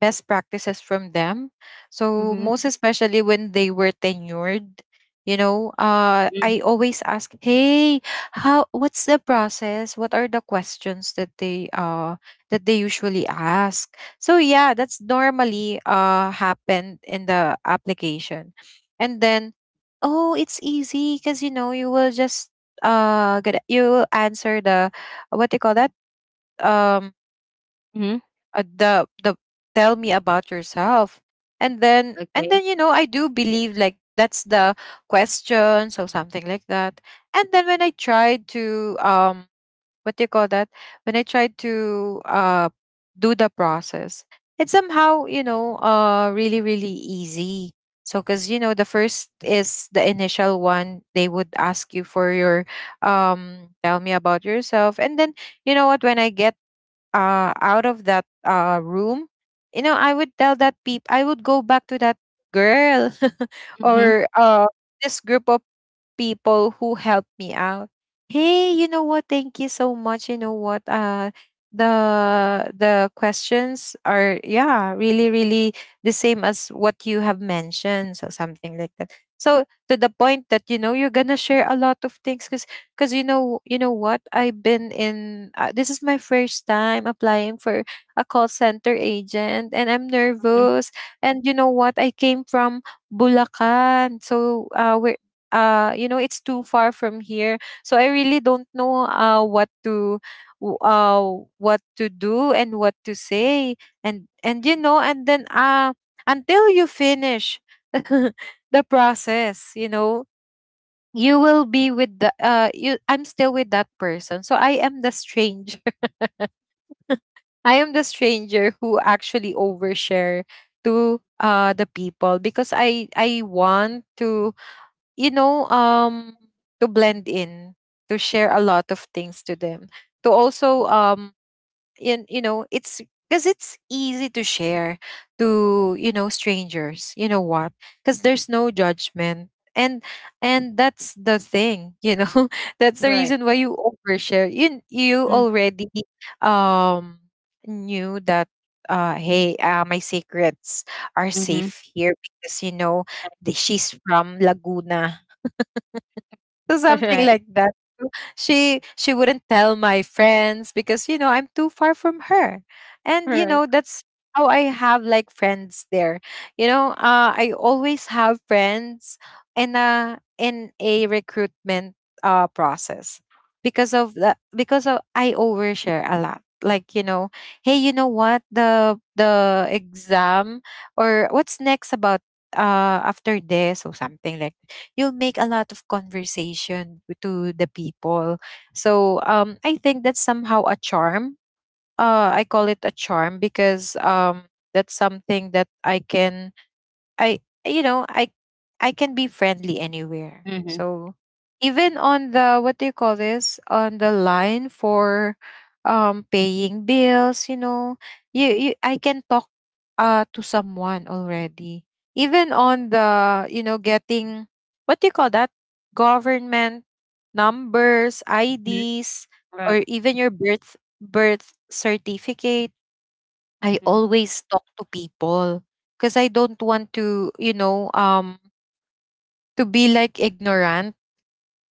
Speaker 1: best practices from them. So
Speaker 2: Mm-hmm.
Speaker 1: most especially when they were tenured, you know, I always ask, "Hey, how? What's the process? What are the questions that they usually ask?" So yeah, that's normally happened in the application. And then, oh, it's easy because you know you will just get you will answer the — what do you call that — um
Speaker 2: Mm-hmm.
Speaker 1: the "tell me about yourself." and then and
Speaker 2: Okay.
Speaker 1: then you know I do believe like that's the questions or something like that. And then, when I tried to what do you call that, when I tried to do the process, it's somehow, you know, really really easy. So because you know the first is the initial one they would ask you for your "tell me about yourself." And then you know what, when I get out of that room, you know, I would tell that peep, I would go back to that girl
Speaker 2: Mm-hmm.
Speaker 1: or this group of people who helped me out. Hey, you know what? Thank you so much. You know what? The questions are, yeah, really really the same as what you have mentioned, so something like that, so to the point that you know you're gonna share a lot of things cause. Because, you know what? I've been in. This is my first time applying for a call center agent, and I'm
Speaker 2: Mm-hmm.
Speaker 1: nervous. And you know what? I came from Bulacan, so, it's too far from here. So I really don't know what to w- uh what to do and what to say, and you know and then until you finish the process, you know, you will be with the — you I'm still with that person. So I am the stranger. I am the stranger who actually overshare to the people because I want to, you know um to blend in, to share a lot of things to them. To also, it's because it's easy to share to, strangers. You know what? Because there's no judgment, and and that's the thing, that's the
Speaker 2: Right.
Speaker 1: reason why you overshare. You
Speaker 2: Mm-hmm.
Speaker 1: already um knew that, hey, my secrets are
Speaker 2: Mm-hmm.
Speaker 1: safe here because you know, she's from Laguna, so something
Speaker 2: Right.
Speaker 1: like that. She wouldn't tell my friends because you know I'm too far from her. And you
Speaker 2: Right.
Speaker 1: know that's how I have like friends there. You know, I always have friends in a recruitment process because of the because of I overshare a lot. Like, you know, hey, you know what? The exam, or what's next about after this, or something like — you'll make a lot of conversation to the people. So, I think that's somehow a charm. I call it a charm because, that's something that I can I you know, I can be friendly anywhere.
Speaker 2: Mm-hmm.
Speaker 1: So even on the — what do you call this? On the line for paying bills, you know, you I can talk to someone already. Even on the, you know, getting — what do you call that? Government numbers, IDs, or
Speaker 2: Right.
Speaker 1: even your birth certificate, I
Speaker 2: Mm-hmm.
Speaker 1: always talk to people because I don't want to, to be like ignorant,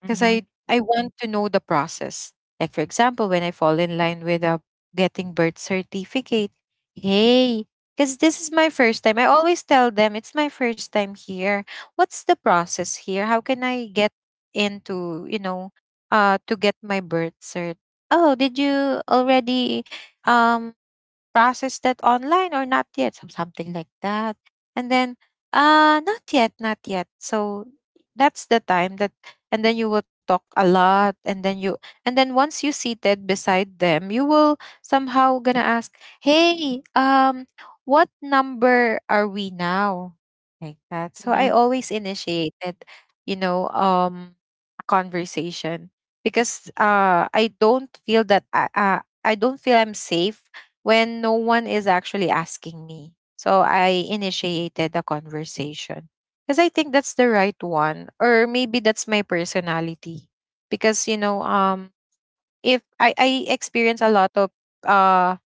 Speaker 1: because I want to know the process. Like for example, when I fall in line with a getting birth certificate, hey, because this is my first time. I always tell them it's my first time here. What's the process here? How can I get into, you know, to get my birth cert? Oh, did you already um process that online or not yet, something like that? And then, not yet, not yet. So that's the time that, and then you will talk a lot, and then once you seated beside them, you will somehow gonna ask, hey, what number are we now, like that. So I
Speaker 2: Mm-hmm.
Speaker 1: always initiated, you know um a conversation, because I don't feel that I don't feel I'm safe when no one is actually asking me. So I initiated the conversation because I think that's the right one, or maybe that's my personality. Because, you know, if I experience a lot of — uh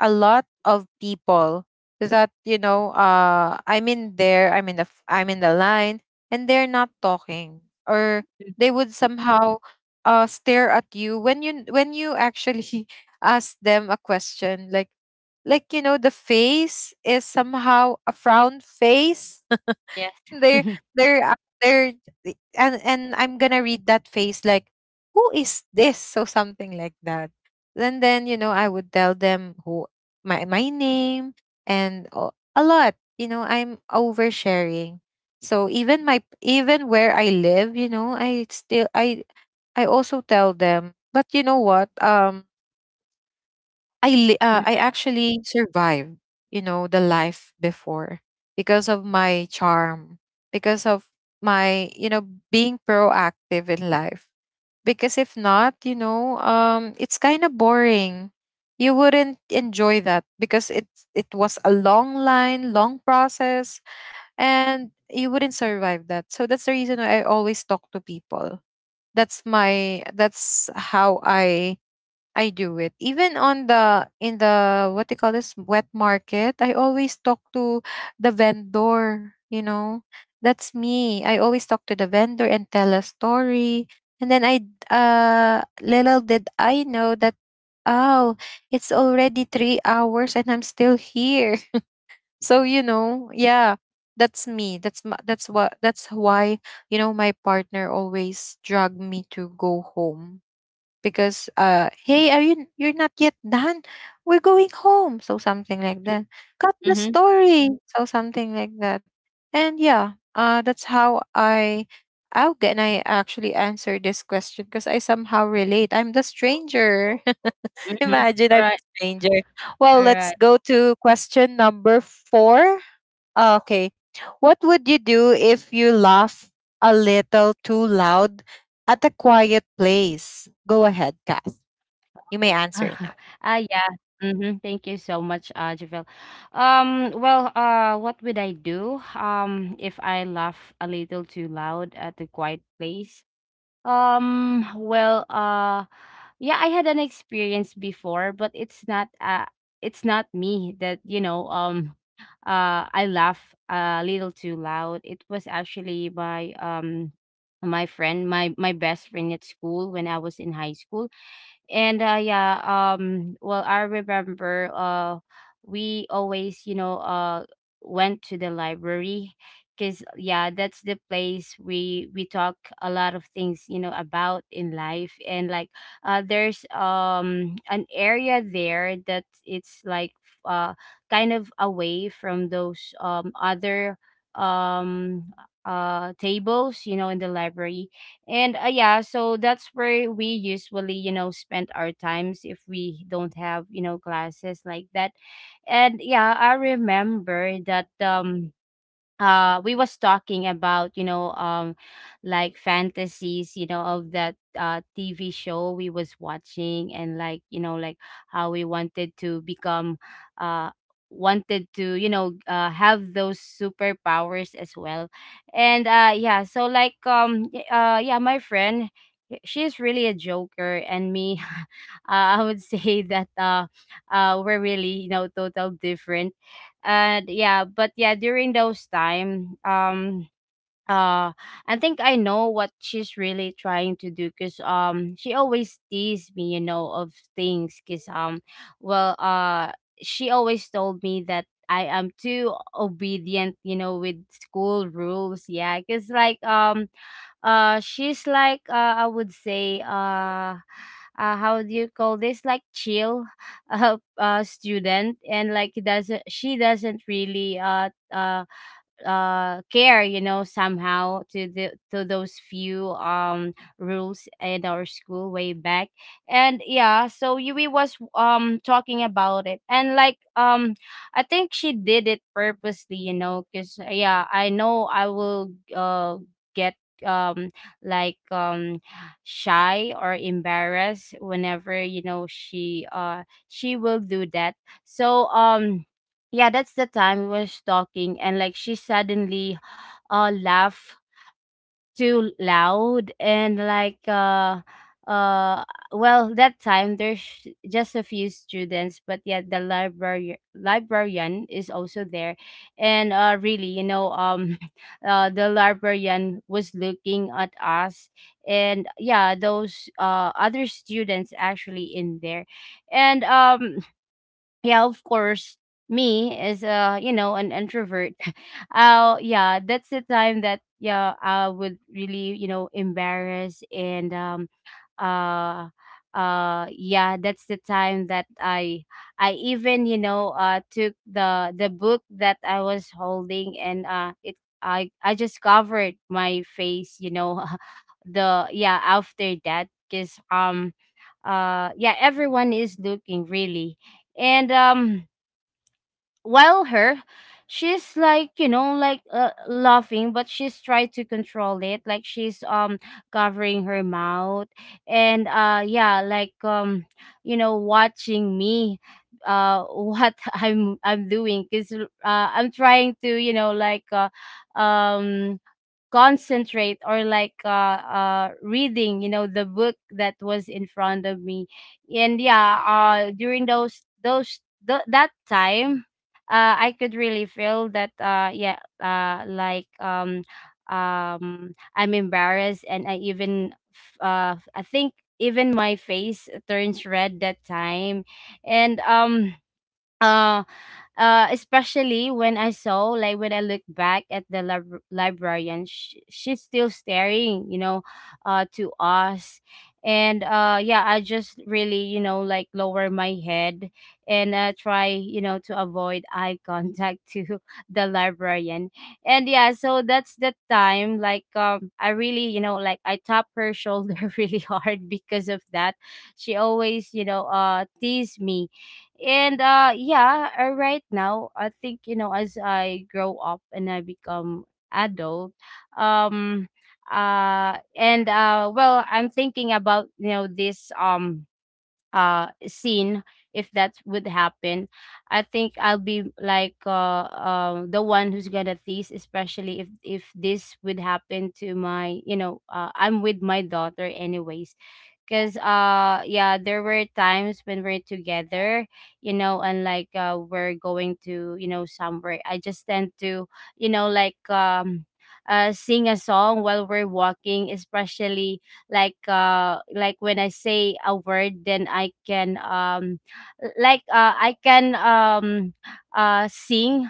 Speaker 1: a lot of people that, I'm in the line and they're not talking, or
Speaker 2: Mm.
Speaker 1: they would somehow stare at you when you actually ask them a question, like, the face is somehow a frown face.
Speaker 2: Yes.
Speaker 1: they're they're uh, they're and I'm gonna read that face like, who is this? So something like that. And then you know I would tell them who — my name, and a lot. You know I'm oversharing. So even where I live, you know, I still I also tell them. But you know what? I
Speaker 2: Mhm.
Speaker 1: actually survived, you know, the life before because of my charm, because of my, you know, being proactive in life. Because if not, you know, it's kind of boring. You wouldn't enjoy that because it was a long line, long process, and you wouldn't survive that. So that's the reason why I always talk to people. That's how I do it. Even on the in the, what they call this, wet market, I always talk to the vendor, you know. That's me. I always talk to the vendor and tell a story. And then, little did I know that, oh, it's already 3 hours and I'm still here. So, you know, yeah. That's me. That's why, you know, my partner always drag me to go home, because hey, are you you're not yet done, we're going home, so something like that, cut the
Speaker 2: Mhm.
Speaker 1: story, so something like that. And yeah, that's how I how can I actually answer this question, because I somehow relate, I'm the stranger.
Speaker 2: Mhm.
Speaker 1: Imagine, I'm
Speaker 2: All
Speaker 1: the
Speaker 2: right.
Speaker 1: stranger. Well,
Speaker 2: All
Speaker 1: let's
Speaker 2: right.
Speaker 1: go to question number four. Ah, okay, what would you do if you laugh a little too loud at a quiet place? Go ahead, Kat, you may
Speaker 2: Ah,
Speaker 1: answer now.
Speaker 2: ah, Yeah. Mm-hmm. Thank you so much, Javel. What would I do if I laugh a little too loud at a quiet place? Well, yeah, I had an experience before, but it's not me that, you know, I laugh a little too loud. It was actually my my friend, my best friend at school when I was in high school. And yeah Well, I remember we always, you know, went to the library, because yeah that's the place we talk a lot of things, you know, about in life. And like there's an area there that it's like uh kind of away from those other um tables, you know, in the library. And yeah, so that's where we usually, you know, spend our times if we don't have, you know, classes like that. And yeah, I remember that we was talking about, you know, like fantasies, you know, of that TV show we was watching. And like, you know, like how we wanted to become uh wanted to, you know, have those superpowers as well. And yeah, my friend, she's really a joker, and me I would say that we're really, you know, total different. And yeah, but yeah, during those time, uh I think I know what she's really trying to do, because she always teased me, you know, of things. Because well uh she always told me that I am too obedient, you know, with school rules. Yeah, because like she's like, I would say, how do you call this, like, chill student. And like doesn't she doesn't really care, you know, somehow to the to those few rules at our school way back. And yeah, so yui was talking about it. And like I think she did it purposely, you know, because yeah, I know I will get um like um shy or embarrassed whenever, you know, she will do that. So yeah, that's the time we was talking. And like she suddenly laughed too loud. And like, uh well, that time there's just a few students, but yeah, the library librarian is also there. And really, you know, the librarian was looking at us, and yeah, those other students actually in there. And yeah, of course, me as a, you know, an introvert, yeah, that's the time that yeah, I would really, you know, embarrass. And um uh uh yeah, that's the time that I even, you know, took the book that I was holding. And it I just covered my face, you know, the yeah, after that, because yeah, everyone is looking really. And while her, she's like, you know, like, laughing, but she's trying to control it, like she's covering her mouth. And yeah, like, you know, watching me what I'm doing, because I'm trying to, you know, like, um concentrate or like, reading, you know, the book that was in front of me. And yeah, during those th- that time, I could really feel that yeah, I'm embarrassed. And I even I think even my face turns red that time. And um uh uh especially when I saw like when I look back at the librarian, she's still staring, you know, to us. And yeah, I just really, you know, like lower my head and try, you know, to avoid eye contact to the librarian. And yeah, so that's the time like, I really, you know, like I tap her shoulder really hard because of that, she always, you know, tease me. And yeah, right now I think, you know, as I grow up and I become adult, um and well, I'm thinking about, you know, this scene, if that would happen, I think I'll be like, the one who's gonna tease, especially if this would happen to my, you know, I'm with my daughter anyways. Because yeah, there were times when we're together, you know. And like we're going to, you know, somewhere, I just tend to, you know, like, sing a song while we're walking. Especially like when I say a word, then I can l- like uh i can um sing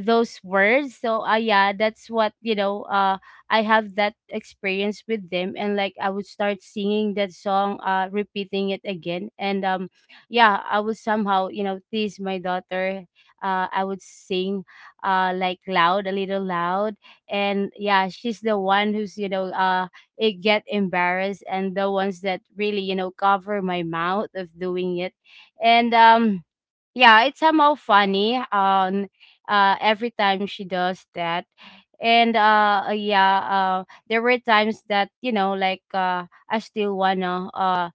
Speaker 2: those words. So yeah, that's what, you know, I have that experience with them. And like I would start singing that song, repeating it again. And yeah, I would somehow, you know, tease my daughter. I would sing like loud, a little loud. And yeah, she's the one who's, you know, it get embarrassed, and the ones that really, you know, cover my mouth of doing it. And yeah, it's somehow funny. Every time she does that, and uh, uh, yeah, uh, there were times that, you know, like, I still wanna uh,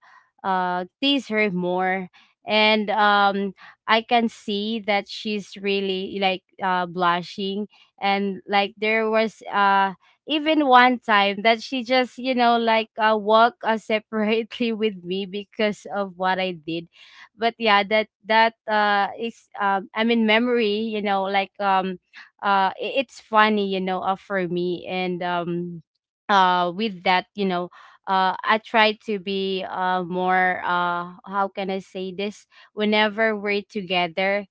Speaker 2: uh, tease her more. And I can see that she's really like, blushing. And like there was even one time that she just, you know, like, walk separately with me because of what I did. But yeah, that is I mean memory, you know, like, I- it's funny, you know, for me. And with that, you know, I try to be more how can I say this, whenever we're together.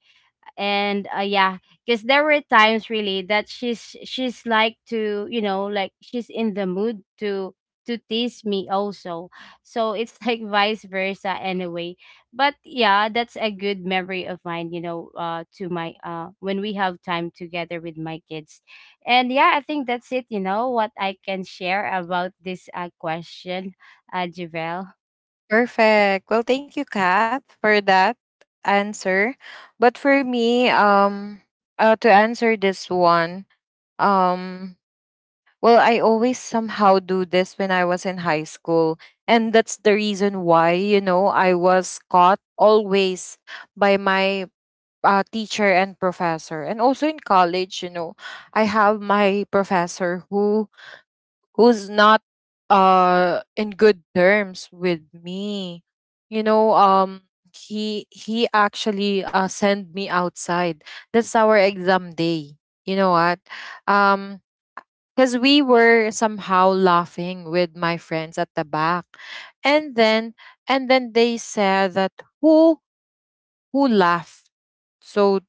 Speaker 2: And yeah, because there were times really that she's like to, you know, like, she's in the mood to tease me also. So it's like vice versa anyway. But yeah, that's a good memory of mine, you know, to my when we have time together with my kids. And yeah, I think that's it, you know, what I can share about this question, Javel.
Speaker 1: Perfect. Well, thank you, Kat, for that answer. But for me, to answer this one, um, well, I always somehow do this when I was in high school. And that's the reason why, you know, I was caught always by my teacher and professor. And also in college, you know, I have my professor who's not in good terms with me. You know, he actually sent me outside. That's our exam day. You know what? Um because we were somehow laughing with my friends at the back, and then and then they said that who who laughed? So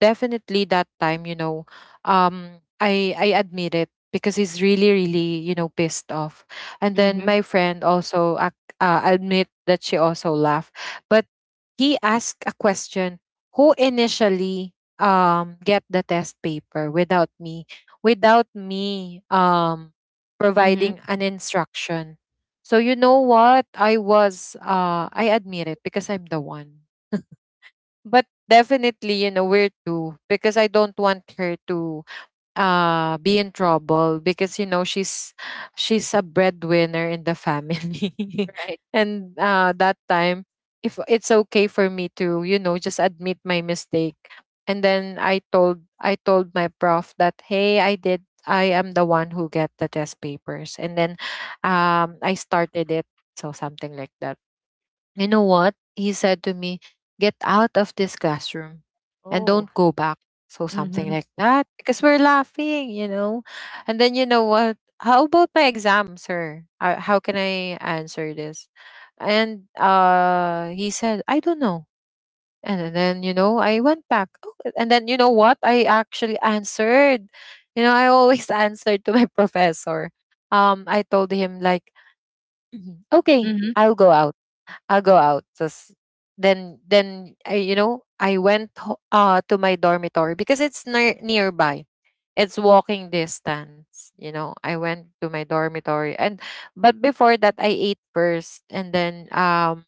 Speaker 1: definitely that time, you know, I admit it because he's really really, you know, pissed off. And
Speaker 2: Mm-hmm.
Speaker 1: then my friend also admit that she also laughed. But he asked a question: "Who initially get the test paper, without me
Speaker 2: Mm-hmm.
Speaker 1: providing an instruction?" So you know what, I admit it because I'm the one, but definitely, you know, we're two because I don't want her to be in trouble, because you know she's a breadwinner in the family
Speaker 2: Right.
Speaker 1: and, that time, if it's okay for me to, you know, just admit my mistake. And then I told my prof that, hey, I am the one who get the test papers, and then, I started it, so something like that. You know what? He said to me, "Get out of this classroom and don't
Speaker 2: Oh.
Speaker 1: go back." So something
Speaker 2: Mm-hmm.
Speaker 1: like that. Because we're laughing, you know? And then, you know what? How about my exam, sir? How can I answer this? And he said, "I don't know." And then, you know, I went back. Oh. And then, you know what? I actually answered. You know, I always answered to my professor. I told him like, okay,
Speaker 2: Mm-hmm.
Speaker 1: I'll go out I'll go out. Just, then I, you know, I went to my dormitory because it's near nearby. It's walking distance, you know. I went to my dormitory, and but before that I ate first, and then, um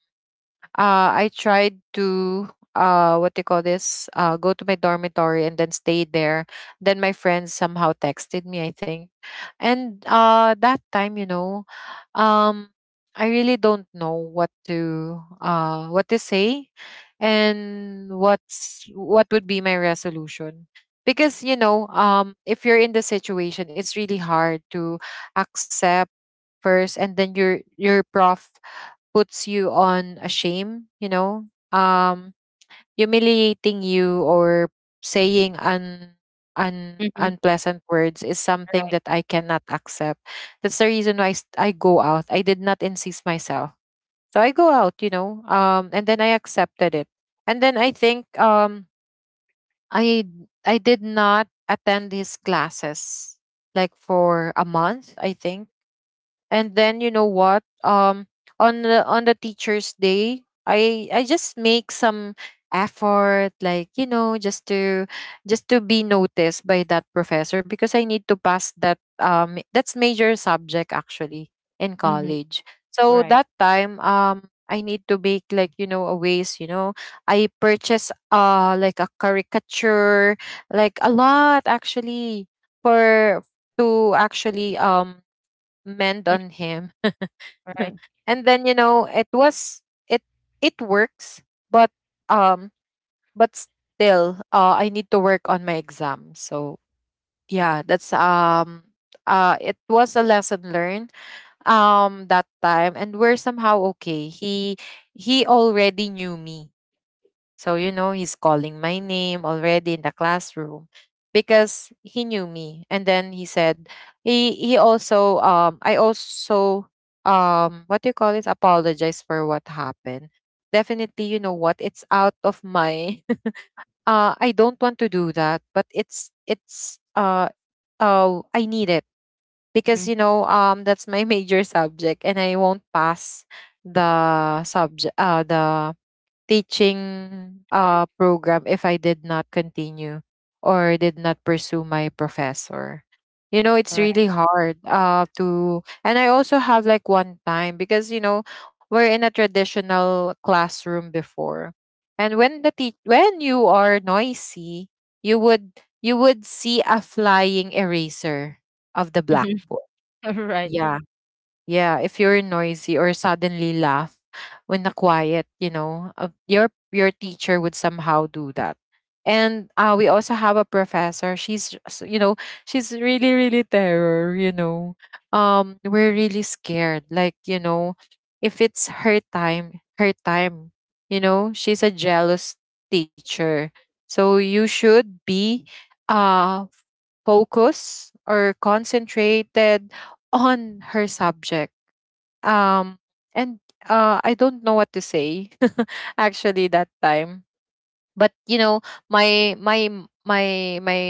Speaker 1: uh, I tried to, what do you call this? Go to my dormitory and then stay there. Then my friends somehow texted me, I think, and that time, you know, um, I really don't know what to say, and what would be my resolution. Because, you know, if you're in the situation, it's really hard to accept first, and then your prof puts you on a shame, you know, um, humiliating you or saying
Speaker 2: Mm-hmm.
Speaker 1: unpleasant words is something
Speaker 2: Right.
Speaker 1: that I cannot accept. That's the reason why I go out. I did not insist myself. So I go out, and then I accepted it. And then I think I I did not attend his classes like for a month, I think. And then you know what? On the on the teacher's day I just make some effort, like, you know, just to be noticed by that professor because I need to pass that, that's major subject actually, in
Speaker 2: Mm-hmm.
Speaker 1: college. So
Speaker 2: Right.
Speaker 1: that time I need to make, like, you know, a ways, you know, I purchase like a caricature, like a lot actually, for to actually meant on him.
Speaker 2: Right.
Speaker 1: And then you know it was, it it works, but um but still I need to work on my exam. So yeah, that's it was a lesson learned that time and we're somehow okay. He already knew me, so, you know, he's calling my name already in the classroom because he knew me. And then he said, he also, I also, what do you call it? Apologize for what happened. Definitely, you know what? It's out of my, I don't want to do that, but oh, I need it
Speaker 2: Mhm.
Speaker 1: because, you know, that's my major subject and I won't pass the subject, the teaching program if I did not continue or did not pursue my professor. You know, it's
Speaker 2: Right.
Speaker 1: really hard, and I also have like one time because, you know, we're in a traditional classroom before. And when when you are noisy, you would you would see a flying eraser of the
Speaker 2: Mhm.
Speaker 1: blackboard.
Speaker 2: Right.
Speaker 1: Yeah, yeah, if you're noisy or suddenly laugh when the quiet, you know, your teacher would somehow do that. And we also have a professor. You know, she's really, really terror. You know, we're really scared. Like, you know, if it's her time, her time. You know, she's a jealous teacher. So you should be, uh, focused or concentrated on her subject, um, and I don't know what to say actually that time. But you know, my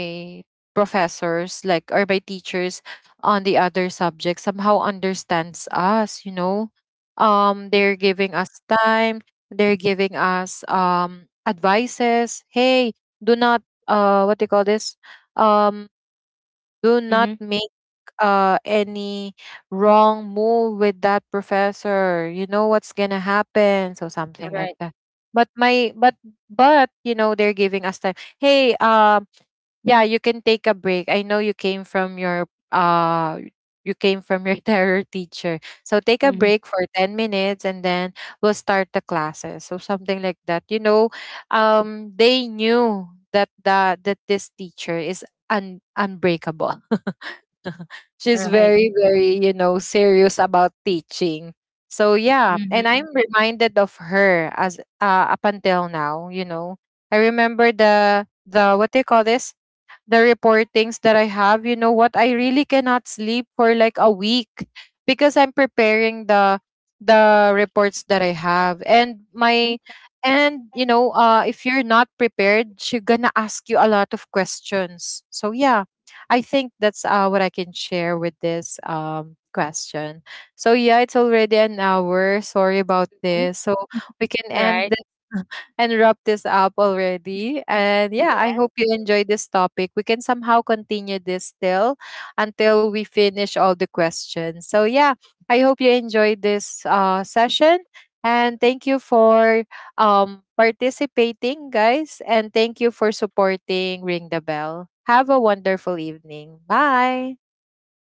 Speaker 1: professors, like, or my teachers on the other subject somehow understands us. You know, they're
Speaker 2: M.
Speaker 1: giving us time. They're giving us advices. Hey, do not what do you call this? Um, do not
Speaker 2: Mhm.
Speaker 1: make any wrong move with that professor. You know what's gonna happen, so something like
Speaker 2: Right.
Speaker 1: that. But my but you know they're giving us time. Hey, yeah, you can take a break. I know you came from your terror teacher, so take a
Speaker 2: Mhm.
Speaker 1: break for 10 minutes, and then we'll start the classes. So something like that. You know, they knew that the that this teacher is unbreakable. She's
Speaker 2: Right.
Speaker 1: very, very, you know, serious about teaching. So yeah,
Speaker 2: Mhm.
Speaker 1: and I'm reminded of her as, up until now, you know. I remember the what do you call this? The reportings that I have, you know what? I really cannot sleep for like a week because I'm preparing the reports that I have. And
Speaker 2: Mhm.
Speaker 1: my and you know, if you're not prepared, she's gonna ask you a lot of questions. So yeah, I think that's what I can share with this question. So yeah, it's already an hour. Sorry about this. So we can end
Speaker 2: Right.
Speaker 1: this and wrap this up already. And yeah, I hope
Speaker 2: Yes.
Speaker 1: you enjoy this topic. We can somehow continue this still until we finish all the questions. So yeah, I hope you enjoyed this session. And thank you for participating, guys. And thank you for supporting Ring the Bell. Have a wonderful evening. Bye.